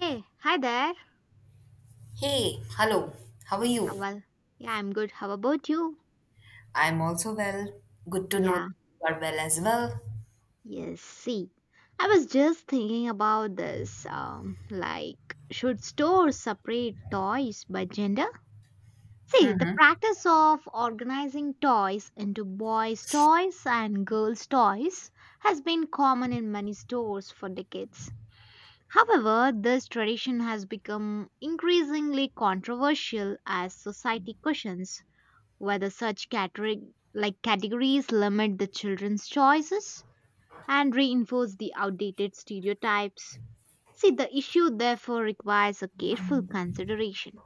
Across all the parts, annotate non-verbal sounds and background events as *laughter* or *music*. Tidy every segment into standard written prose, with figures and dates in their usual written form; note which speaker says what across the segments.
Speaker 1: Hey, hi there.
Speaker 2: Hey, hello, how are
Speaker 1: Uh,
Speaker 2: you?
Speaker 1: Well, yeah, I'm good. How about you?
Speaker 2: I'm also well. Good to know
Speaker 1: Yeah,
Speaker 2: you are well as well.
Speaker 1: yes. See, I was just thinking about this. Like, should stores separate toys by gender? See, the practice of organizing toys into boys' toys and girls' toys has been common in many stores for decades. However, this tradition has become increasingly controversial as society questions whether such catering like categories limit the children's choices and reinforce the outdated stereotypes. See, the issue therefore requires a careful consideration.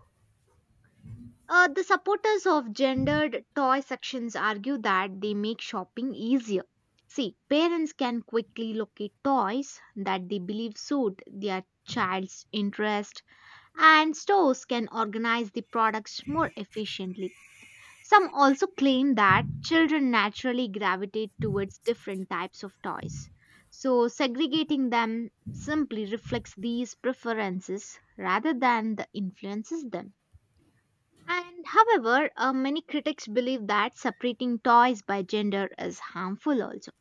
Speaker 1: The supporters of gendered toy sections argue that they make shopping easier. See, parents can quickly locate toys that they believe suit their child's interest, and stores can organize the products more efficiently. Some also claim that children naturally gravitate towards different types of toys, so segregating them simply reflects these preferences rather than the influences them. And however, many critics believe that separating toys by gender is harmful also.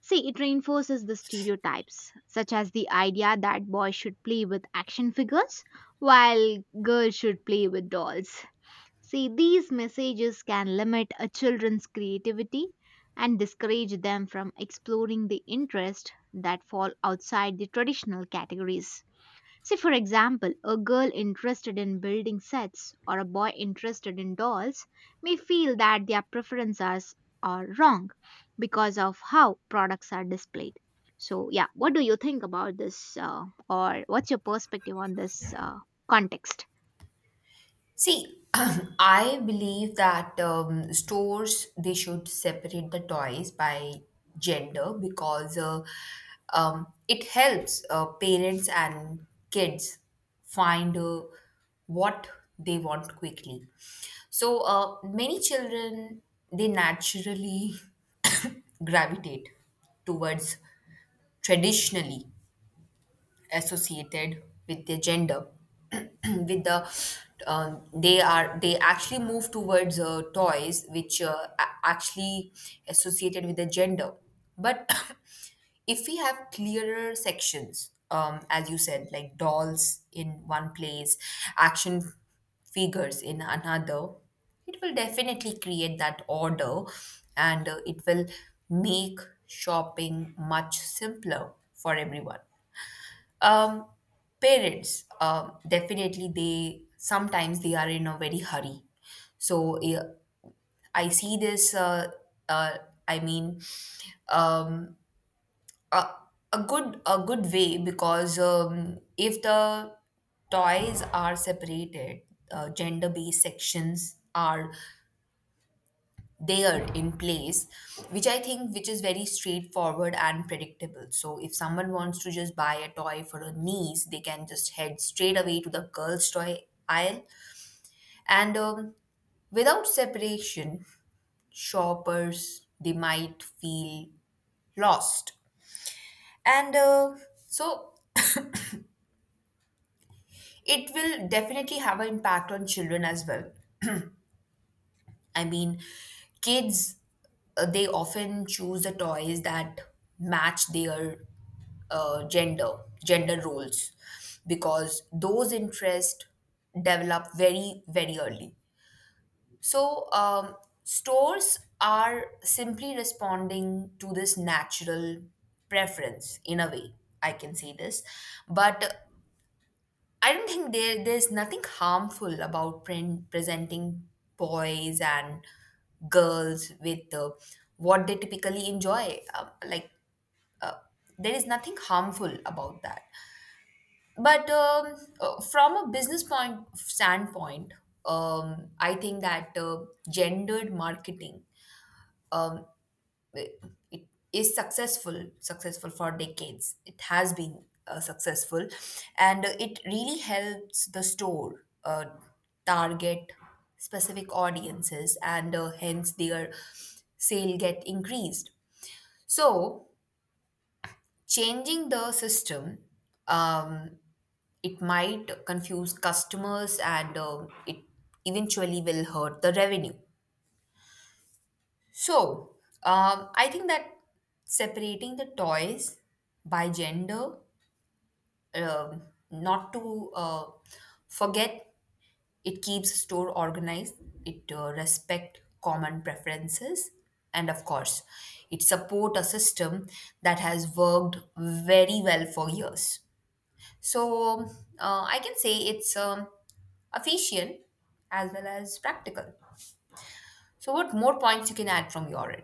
Speaker 1: See, it reinforces the stereotypes, such as the idea that boys should play with action figures while girls should play with dolls. See, these messages can limit a children's creativity and discourage them from exploring the interests that fall outside the traditional categories. See, for example, a girl interested in building sets or a boy interested in dolls may feel that their preferences are wrong because of how products are displayed. So, yeah, what do you think about this, or what's your perspective on this context?
Speaker 2: See, *laughs* *clears throat* I believe that stores they should separate the toys by gender because it helps parents and kids find what they want quickly. So many children they naturally *coughs* gravitate towards traditionally associated with their gender *clears throat* with the they actually move towards toys which actually associated with the gender but *clears throat* if we have clearer sections as you said, like dolls in one place, action figures in another, it will definitely create that order, and it will make shopping much simpler for everyone. um, Parents, definitely they sometimes they are in a very hurry. So yeah, I see this. Uh, I mean, um, a, a good way, because if the toys are separated, gender based sections are there in place, which I think, which is very straightforward and predictable. So if someone wants to just buy a toy for a niece, they can just head straight away to the girls toy aisle. And without separation, shoppers they might feel lost. And so it will definitely have an impact on children as well. I mean, kids, they often choose the toys that match their uh, gender, gender roles, because those interests develop very, very early. So, stores are simply responding to this natural preference in a way. I can say this, but I don't think there's nothing harmful about presenting boys and girls with what they typically enjoy. Like, uh, there is nothing harmful about that. But from a business point standpoint, I think that gendered marketing, um, it, it is successful for decades. It has been successful, and it really helps the store target specific audiences, and hence their sale get increased. So changing the system, um, it might confuse customers, and it eventually will hurt the revenue. So, I think that separating the toys by gender, um, not to forget, it keeps store organized, it respect common preferences, and of course, it support a system that has worked very well for years. So, I can say it's efficient as well as practical. So, what more points you can add from your end?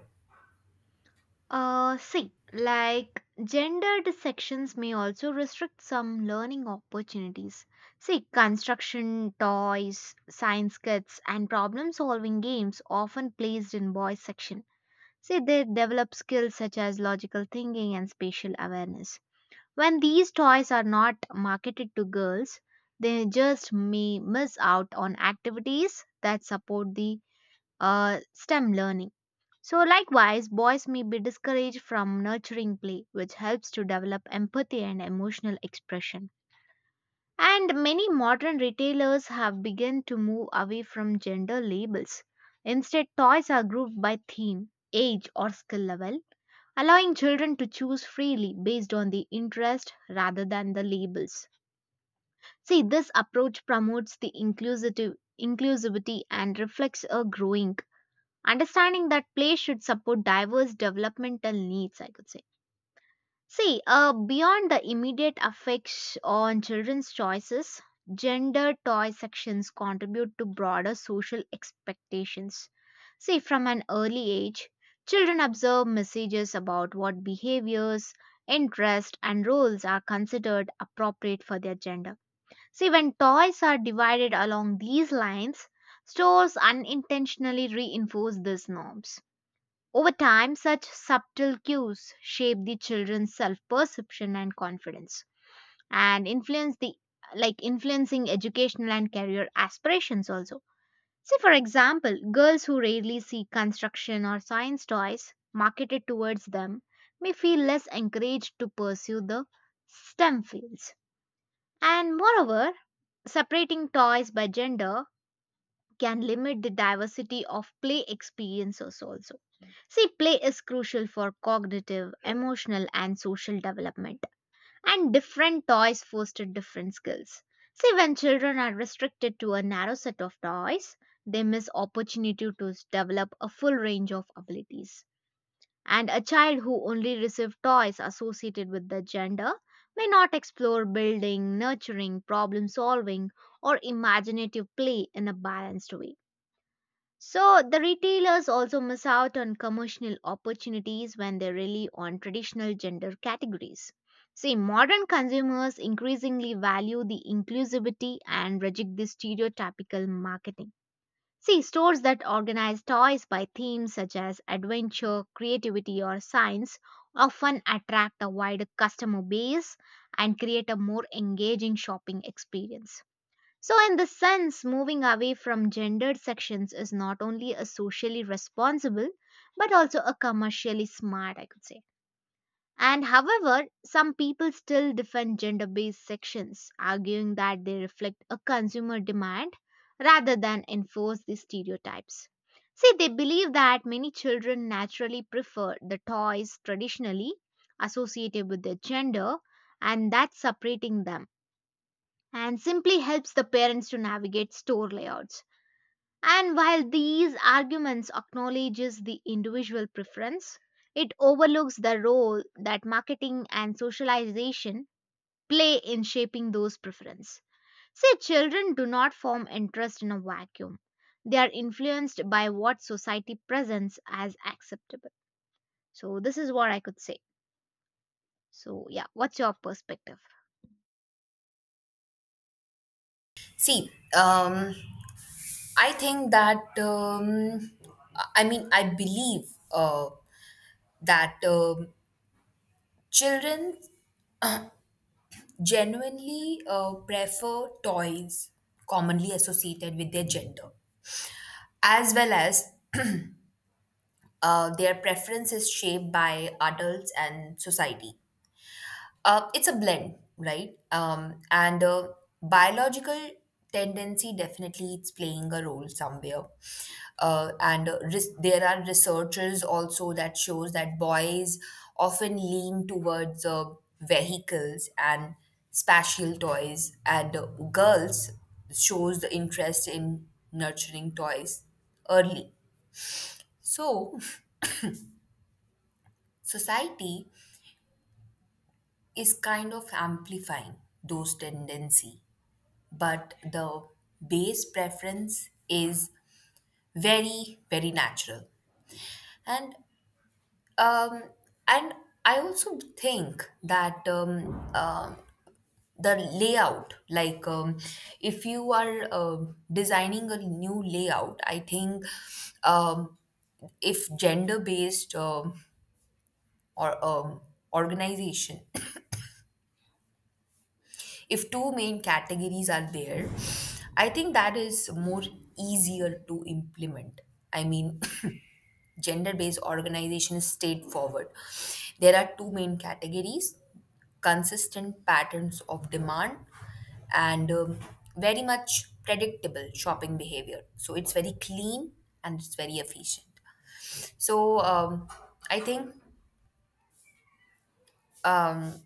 Speaker 1: See, like gendered sections may also restrict some learning opportunities. See, construction, toys, science kits, and problem solving games often placed in boys section. See, they develop skills such as logical thinking and spatial awareness. When these toys are not marketed to girls, they just may miss out on activities that support the STEM learning. So, likewise, boys may be discouraged from nurturing play, which helps to develop empathy and emotional expression. And many modern retailers have begun to move away from gender labels. Instead, toys are grouped by theme, age, or skill level, allowing children to choose freely based on the interest rather than the labels. See, this approach promotes the inclusive inclusivity and reflects a growing understanding that play should support diverse developmental needs, I could say. See, beyond the immediate effects on children's choices, gender toy sections contribute to broader social expectations. See, from an early age, children observe messages about what behaviors, interests, and roles are considered appropriate for their gender. See, when toys are divided along these lines, stores unintentionally reinforce these norms. Over time, such subtle cues shape the children's self-perception and confidence and influence the like influencing educational and career aspirations also. See for example, girls who rarely see construction or science toys marketed towards them may feel less encouraged to pursue the STEM fields. And moreover, separating toys by gender can limit the diversity of play experiences also. See, play is crucial for cognitive, emotional, and social development, and different toys foster different skills. See, when children are restricted to a narrow set of toys, they miss opportunity to develop a full range of abilities. And a child who only receives toys associated with their gender may not explore building, nurturing, problem solving, or imaginative play in a balanced way. So the retailers also miss out on commercial opportunities when they rely on traditional gender categories. See, modern consumers increasingly value the inclusivity and reject the stereotypical marketing. See, stores that organize toys by themes such as adventure, creativity, or science often attract a wider customer base and create a more engaging shopping experience. So, in the sense, moving away from gendered sections is not only a socially responsible but also a commercially smart, I could say. And however, some people still defend gender based sections, arguing that they reflect a consumer demand rather than enforce the stereotypes. See, they believe that many children naturally prefer the toys traditionally associated with their gender, and that's separating them and simply helps the parents to navigate store layouts. And while these arguments acknowledges the individual preference, it overlooks the role that marketing and socialization play in shaping those preferences. See, children do not form interest in a vacuum. They are influenced by what society presents as acceptable. So this is what I could say. So yeah, what's your perspective?
Speaker 2: See, I think that, I mean, I believe uh, that children genuinely prefer toys commonly associated with their gender, as well as their preference is shaped by adults and society. It's a blend, right? And biological tendency, definitely it's playing a role somewhere. And there are researchers also that shows that boys often lean towards vehicles and spatial toys, and girls shows the interest in nurturing toys early. So, *laughs* society is kind of amplifying those tendency, but the base preference is very, very natural. And um and I also think that, the layout, like, if you are designing a new layout, I think, um, if gender based, or organization, if two main categories are there, I think that is more easier to implement. I mean, *laughs* *clears throat* gender based organization is straightforward. There are two main categories, consistent patterns of demand, and very much predictable shopping behavior. So it's very clean, and it's very efficient. So, I think, um,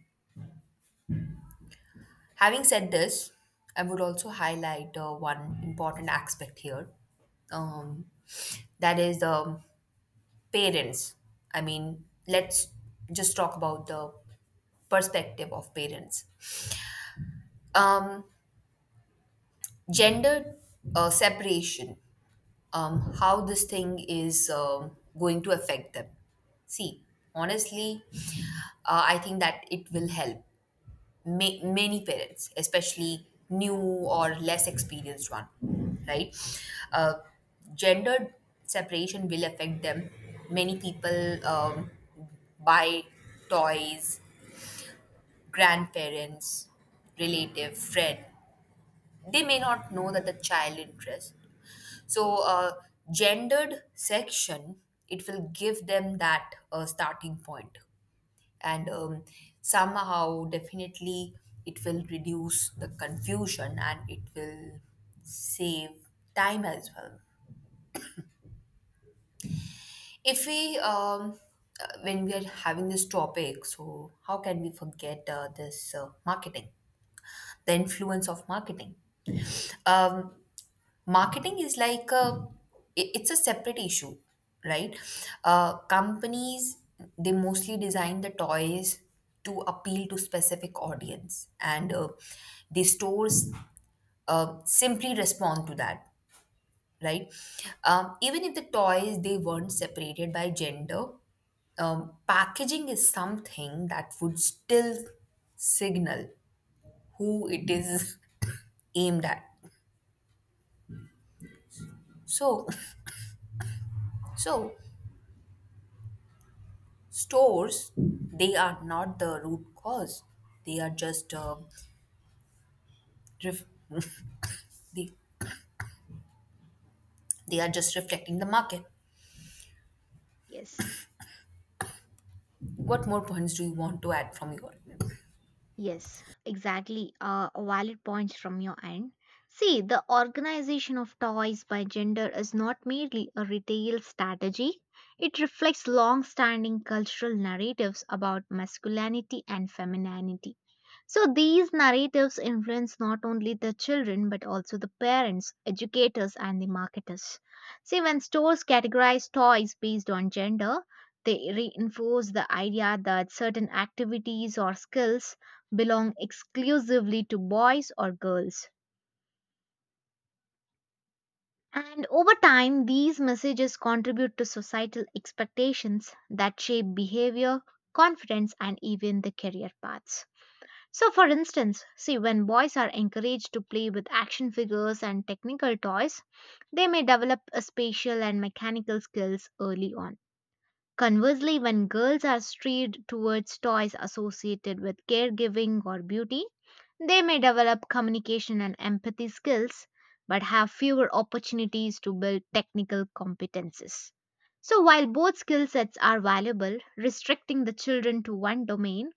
Speaker 2: having said this, I would also highlight one important aspect here. Um, that is the parents. I mean, let's just talk about the perspective of parents. Um, Gender separation, how this thing is going to affect them. See, honestly, I think that it will help many parents, especially new or less experienced one, right? Uh, Gendered separation will affect them. Many people buy toys. Grandparents, relative, friend, they may not know that the child interest. So, gendered section, it will give them that starting point, and somehow definitely it will reduce the confusion, and it will save time as well. If we um, uh, when we are having this topic, so how can we forget this marketing, the influence of marketing? um, Marketing is like, it's a separate issue, right? Companies, they mostly design the toys to appeal to specific audience, and the stores simply respond to that, right? Even if the toys they weren't separated by gender, packaging is something that would still signal who it is *laughs* aimed at. So so stores, they are not the root cause. They are just ref- they, reflecting the market.
Speaker 1: Yes.
Speaker 2: What more points do you want to add from your?
Speaker 1: Yes, exactly. Valid points from your end. See, the organization of toys by gender is not merely a retail strategy, it reflects long standing cultural narratives about masculinity and femininity. So, these narratives influence not only the children but also the parents, educators, and the marketers. See, when stores categorize toys based on gender, they reinforce the idea that certain activities or skills belong exclusively to boys or girls. And over time, these messages contribute to societal expectations that shape behavior, confidence, and even the career paths. So, for instance, see, when boys are encouraged to play with action figures and technical toys, they may develop a spatial and mechanical skills early on. Conversely, when girls are steered towards toys associated with caregiving or beauty, they may develop communication and empathy skills but have fewer opportunities to build technical competences. So, while both skill sets are valuable, restricting the children to one domain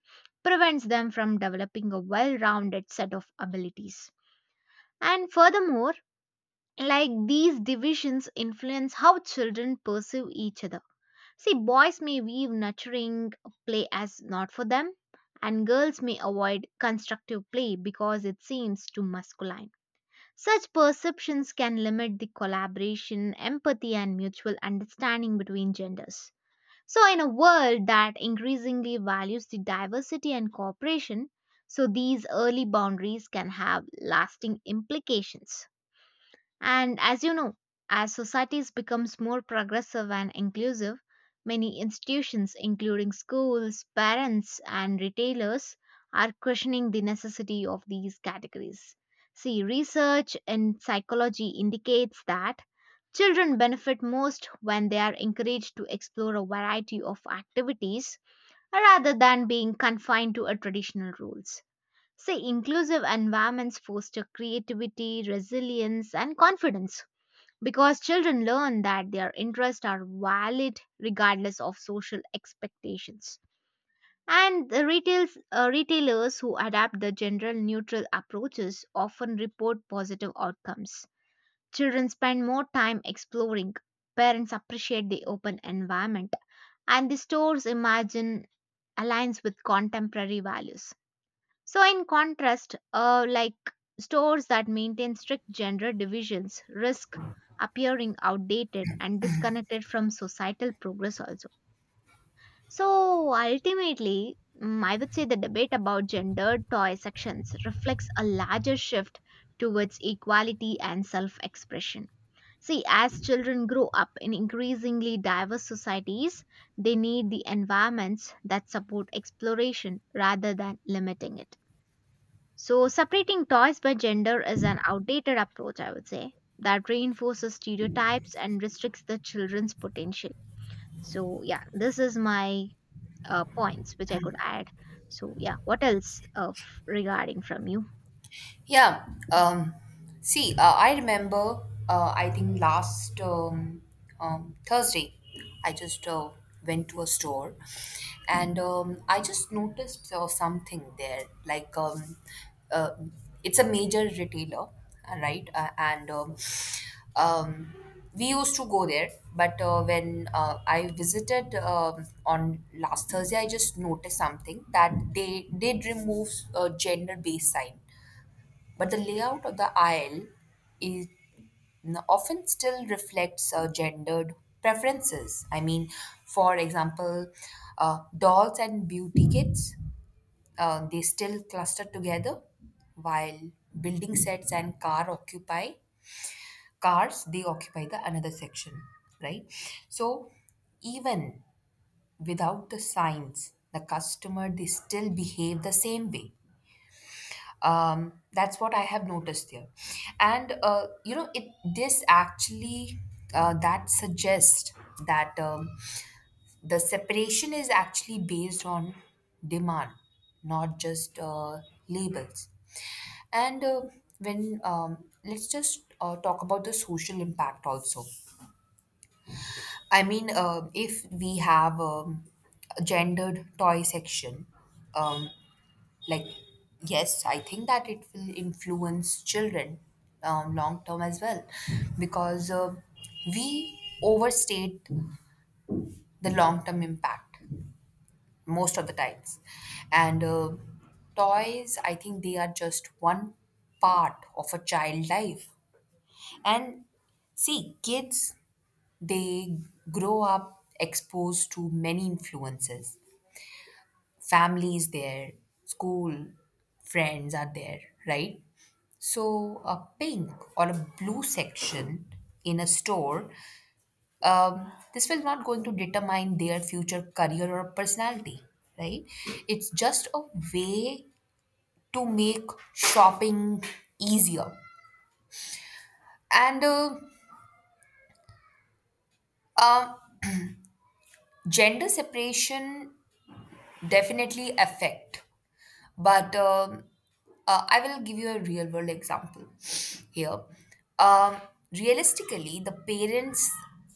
Speaker 1: prevents them from developing a well rounded set of abilities. And furthermore, like these divisions influence how children perceive each other. See, boys may view nurturing play as not for them, and girls may avoid constructive play because it seems too masculine. Such perceptions can limit the collaboration, empathy, and mutual understanding between genders. So, in a world that increasingly values the diversity and cooperation, so these early boundaries can have lasting implications. And as you know, as societies becomes more progressive and inclusive, many institutions including schools, parents and retailers are questioning the necessity of these categories. See, research in psychology indicates that children benefit most when they are encouraged to explore a variety of activities rather than being confined to a traditional rules. Say inclusive environments foster creativity, resilience and confidence because children learn that their interests are valid regardless of social expectations. And the retailers who adapt the general neutral approaches often report positive outcomes. Children spend more time exploring, parents appreciate the open environment, and the stores imagine aligns with contemporary values. So in contrast, like stores that maintain strict gender divisions risk appearing outdated and disconnected from societal progress also. So ultimately, I would say the debate about gendered toy sections reflects a larger shift towards equality and self-expression. See, as children grow up in increasingly diverse societies, they need the environments that support exploration rather than limiting it. So, separating toys by gender is an outdated approach, I would say, that reinforces stereotypes and restricts the children's potential. So, yeah, this is my points which I could add. So, yeah, what else of regarding from you?
Speaker 2: Yeah. Um, See, I remember, I think last Thursday, I just went to a store, and I just noticed something there. Like, uh, it's a major retailer, right? And um, we used to go there, but when I visited on last Thursday, I just noticed something that they did remove gender based sign, but the layout of the aisle is often still reflects gendered preferences. I mean, for example, dolls and beauty kits, they still cluster together, while building sets and car occupy cars. They occupy the another section, right? So even without the signs, the customer they still behave the same way. That's what I have noticed here. And you know it, this actually, that suggests that, the separation is actually based on demand, not just labels. And when let's just talk about the social impact also. I mean, if we have a gendered toy section, um, like, yes, I think that it will influence children long term as well, because we overstate the long term impact most of the times. And toys, I think, they are just one part of a child life. And see, kids, they grow up exposed to many influences. Family is there, school, friends are there, right? So a pink or a blue section in a store, this will not going to determine their future career or personality, right? It's just a way to make shopping easier. And uh, gender separation definitely affect. But I will give you a real world example here. Um, Realistically, the parents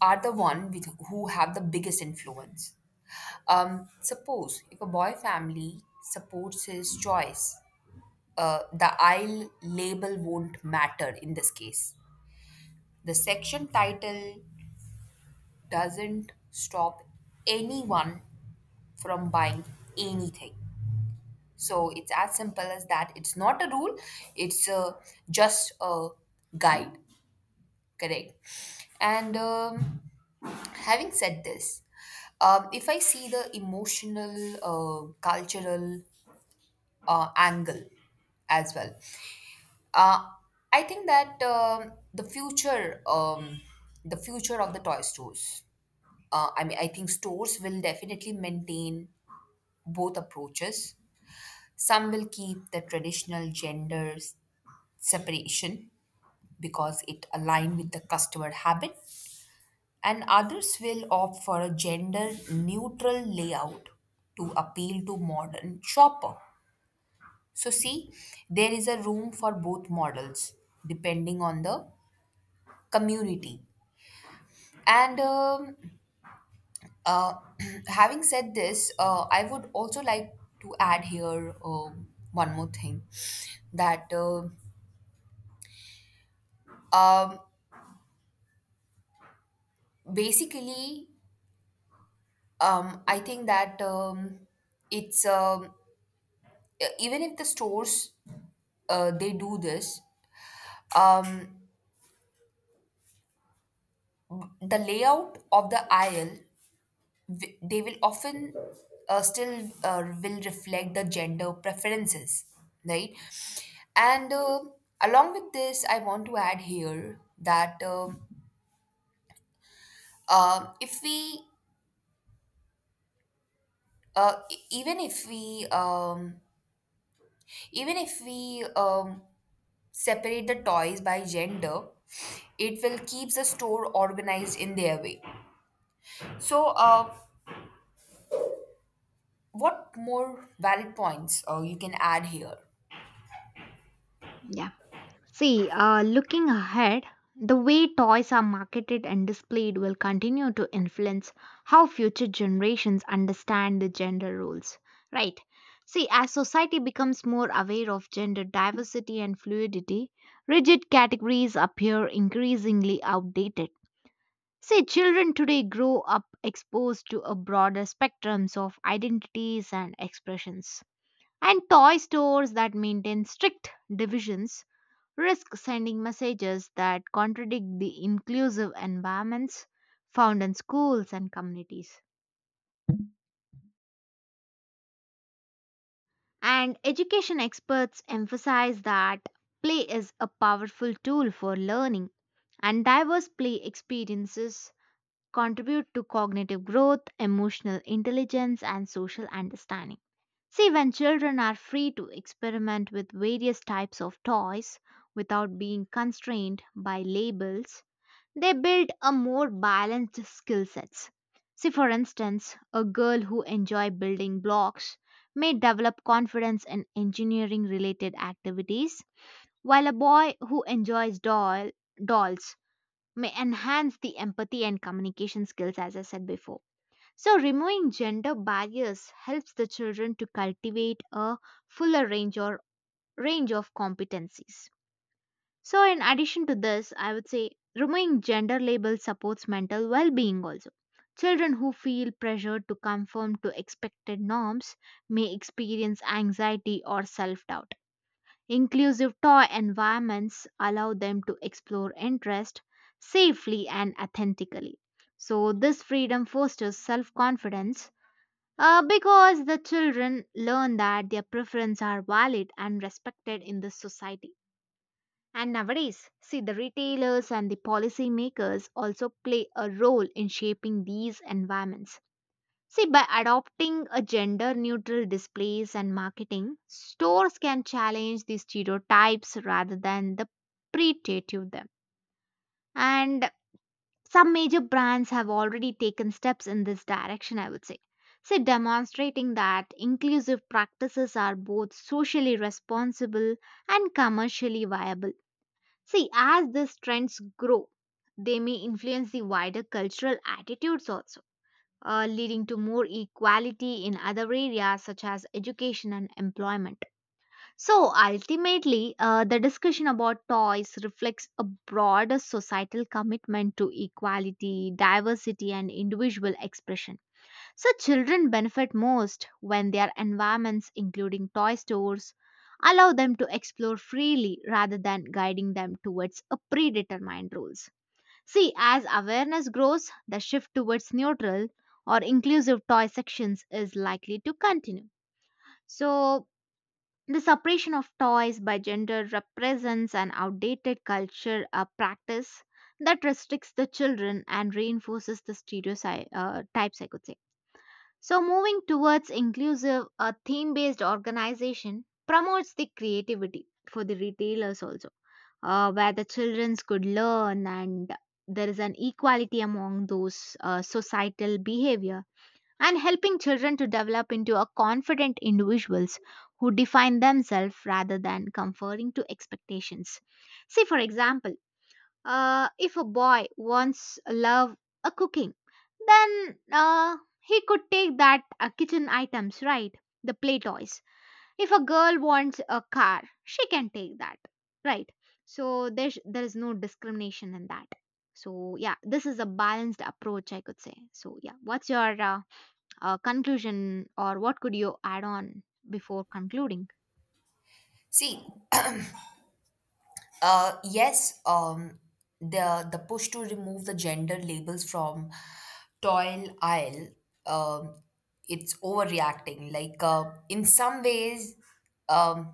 Speaker 2: are the one who have the biggest influence. Suppose if a boy family supports his choice, the aisle label won't matter in this case. The section title doesn't stop anyone from buying anything. So it's as simple as that. It's not a rule, it's a just a guide, correct? And having said this, if I see the emotional, cultural angle as well, uh, I think that, the future of the toy stores. I mean, I think stores will definitely maintain both approaches. Some will keep the traditional genders separation because it aligns with the customer habit, and others will opt for a gender neutral layout to appeal to modern shopper. So, see, there is a room for both models depending on the community. And uh, *clears throat* having said this, I would also like to add here one more thing, that um, basically, I think that, it's, even if the stores they do this, um, the layout of the aisle, they will often still will reflect the gender preferences, right? And along with this, I want to add here that, if we e- even if we separate the toys by gender, it will keep the store organized in their way. So, what more valid points you can add here?
Speaker 1: Yeah. See, looking ahead, the way toys are marketed and displayed will continue to influence how future generations understand the gender roles. Right. See, as society becomes more aware of gender diversity and fluidity, rigid categories appear increasingly outdated. See, children today grow up exposed to a broader spectrums of identities and expressions. And toy stores that maintain strict divisions risk sending messages that contradict the inclusive environments found in schools and communities. And education experts emphasize that play is a powerful tool for learning, and diverse play experiences contribute to cognitive growth, emotional intelligence, and social understanding. See, when children are free to experiment with various types of toys without being constrained by labels, they build a more balanced skill sets. See, for instance, a girl who enjoy building blocks may develop confidence in engineering related activities, while a boy who enjoys dolls may enhance the empathy and communication skills, as I said before. So, removing gender barriers helps the children to cultivate a fuller range or range of competencies. So, in addition to this, I would say removing gender labels supports mental well being also. Children who feel pressured to conform to expected norms may experience anxiety or self doubt. Inclusive toy environments allow them to explore interest safely and authentically. So, this freedom fosters self confidence because the children learn that their preferences are valid and respected in this society. And nowadays, see, the retailers and the policymakers also play a role in shaping these environments. See, by adopting a gender neutral displays and marketing, stores can challenge the stereotypes rather than the predative them. And some major brands have already taken steps in this direction, I would say. See, demonstrating that inclusive practices are both socially responsible and commercially viable. See, as these trends grow, they may influence the wider cultural attitudes also leading to more equality in other areas such as education and employment. So ultimately, the discussion about toys reflects a broader societal commitment to equality, diversity, and individual expression. So children benefit most when their environments, including toy stores, allow them to explore freely rather than guiding them towards a predetermined rules. See, as awareness grows, the shift towards neutral or inclusive toy sections is likely to continue. So, the separation of toys by gender represents an outdated culture a practice that restricts the children and reinforces the stereotypes, I could say. So, moving towards inclusive, a theme based organization promotes the creativity for the retailers also, where the children could learn and there is an equality among those societal behavior and helping children to develop into a confident individuals who define themselves rather than conforming to expectations. See, for example, if a boy wants love a cooking, then he could take that kitchen items, right? The play toys. If a girl wants a car, she can take that, right? So there is no discrimination in that. So yeah, this is a balanced approach, I could say. So yeah, what's your conclusion, or what could you add on before concluding?
Speaker 2: See, yes, the push to remove the gender labels from toil aisle, um, it's overreacting. Like, um,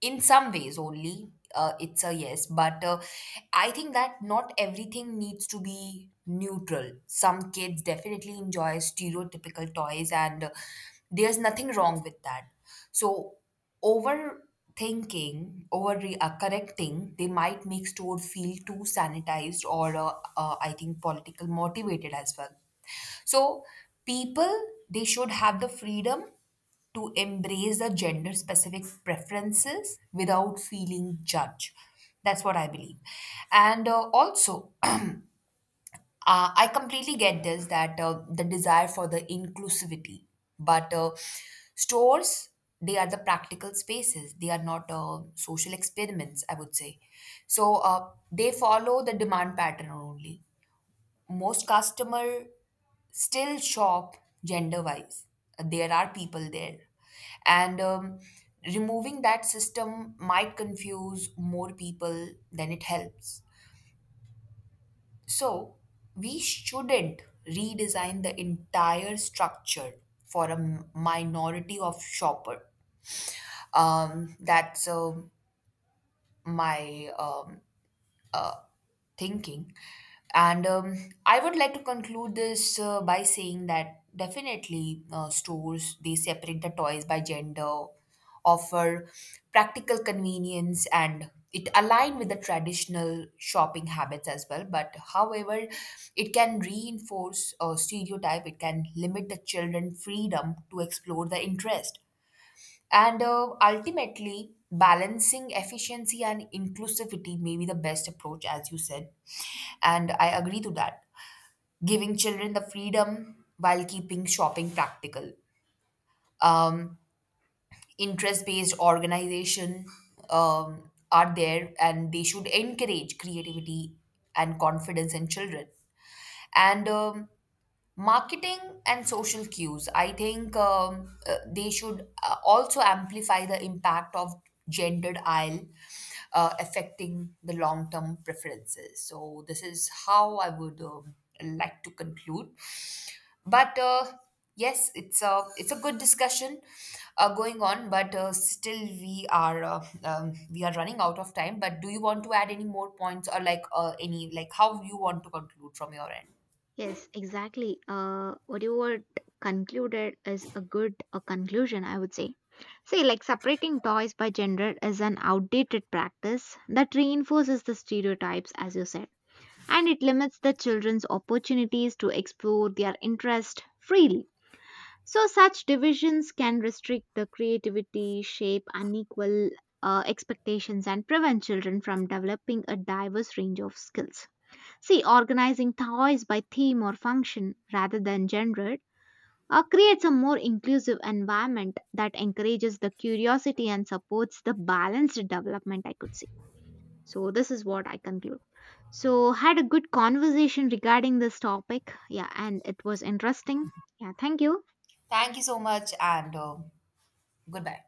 Speaker 2: in some ways only, it's a yes. But I think that not everything needs to be neutral. Some kids definitely enjoy stereotypical toys, and there's nothing wrong with that. So overthinking, over correcting, they might make store feel too sanitized, or I think political motivated as well. So people they should have the freedom to embrace the gender specific preferences without feeling judged. That's what I believe, and also. *clears throat* I completely get this, that the desire for the inclusivity, but stores, they are the practical spaces. They are not social experiments, I would say. So they follow the demand pattern only. Most customer still shop gender wise. There are people there, and removing that system might confuse more people than it helps. So, we shouldn't redesign the entire structure for a minority of shopper. That's my, uh, thinking. And I would like to conclude this by saying that definitely stores they separate the toys by gender, offer practical convenience, and it align with the traditional shopping habits as well. But however, it can reinforce a stereotype. It can limit the children freedom to explore the interest, and ultimately, balancing efficiency and inclusivity may be the best approach, as you said. And I agree to that. Giving children the freedom while keeping shopping practical. Um, Interest based organization are there, and they should encourage creativity and confidence in children. And marketing and social cues, I think, they should also amplify the impact of gendered aisle, affecting the long term preferences. So, this is how I would like to conclude. But yes, it's a good discussion going on, but still we are running out of time. But do you want to add any more points, or like any, like how you want to conclude from your end?
Speaker 1: Yes, exactly. What you were concluded is a good conclusion, I would say. See, like separating toys by gender is an outdated practice that reinforces the stereotypes, as you said, and it limits the children's opportunities to explore their interest freely. So, such divisions can restrict the creativity, shape unequal expectations, and prevent children from developing a diverse range of skills. See, organizing toys by theme or function rather than gender creates a more inclusive environment that encourages the curiosity and supports the balanced development, I could say. So, this is what I conclude. So, had a good conversation regarding this topic. Yeah, and it was interesting. Yeah, thank you.
Speaker 2: Thank you so much, and goodbye.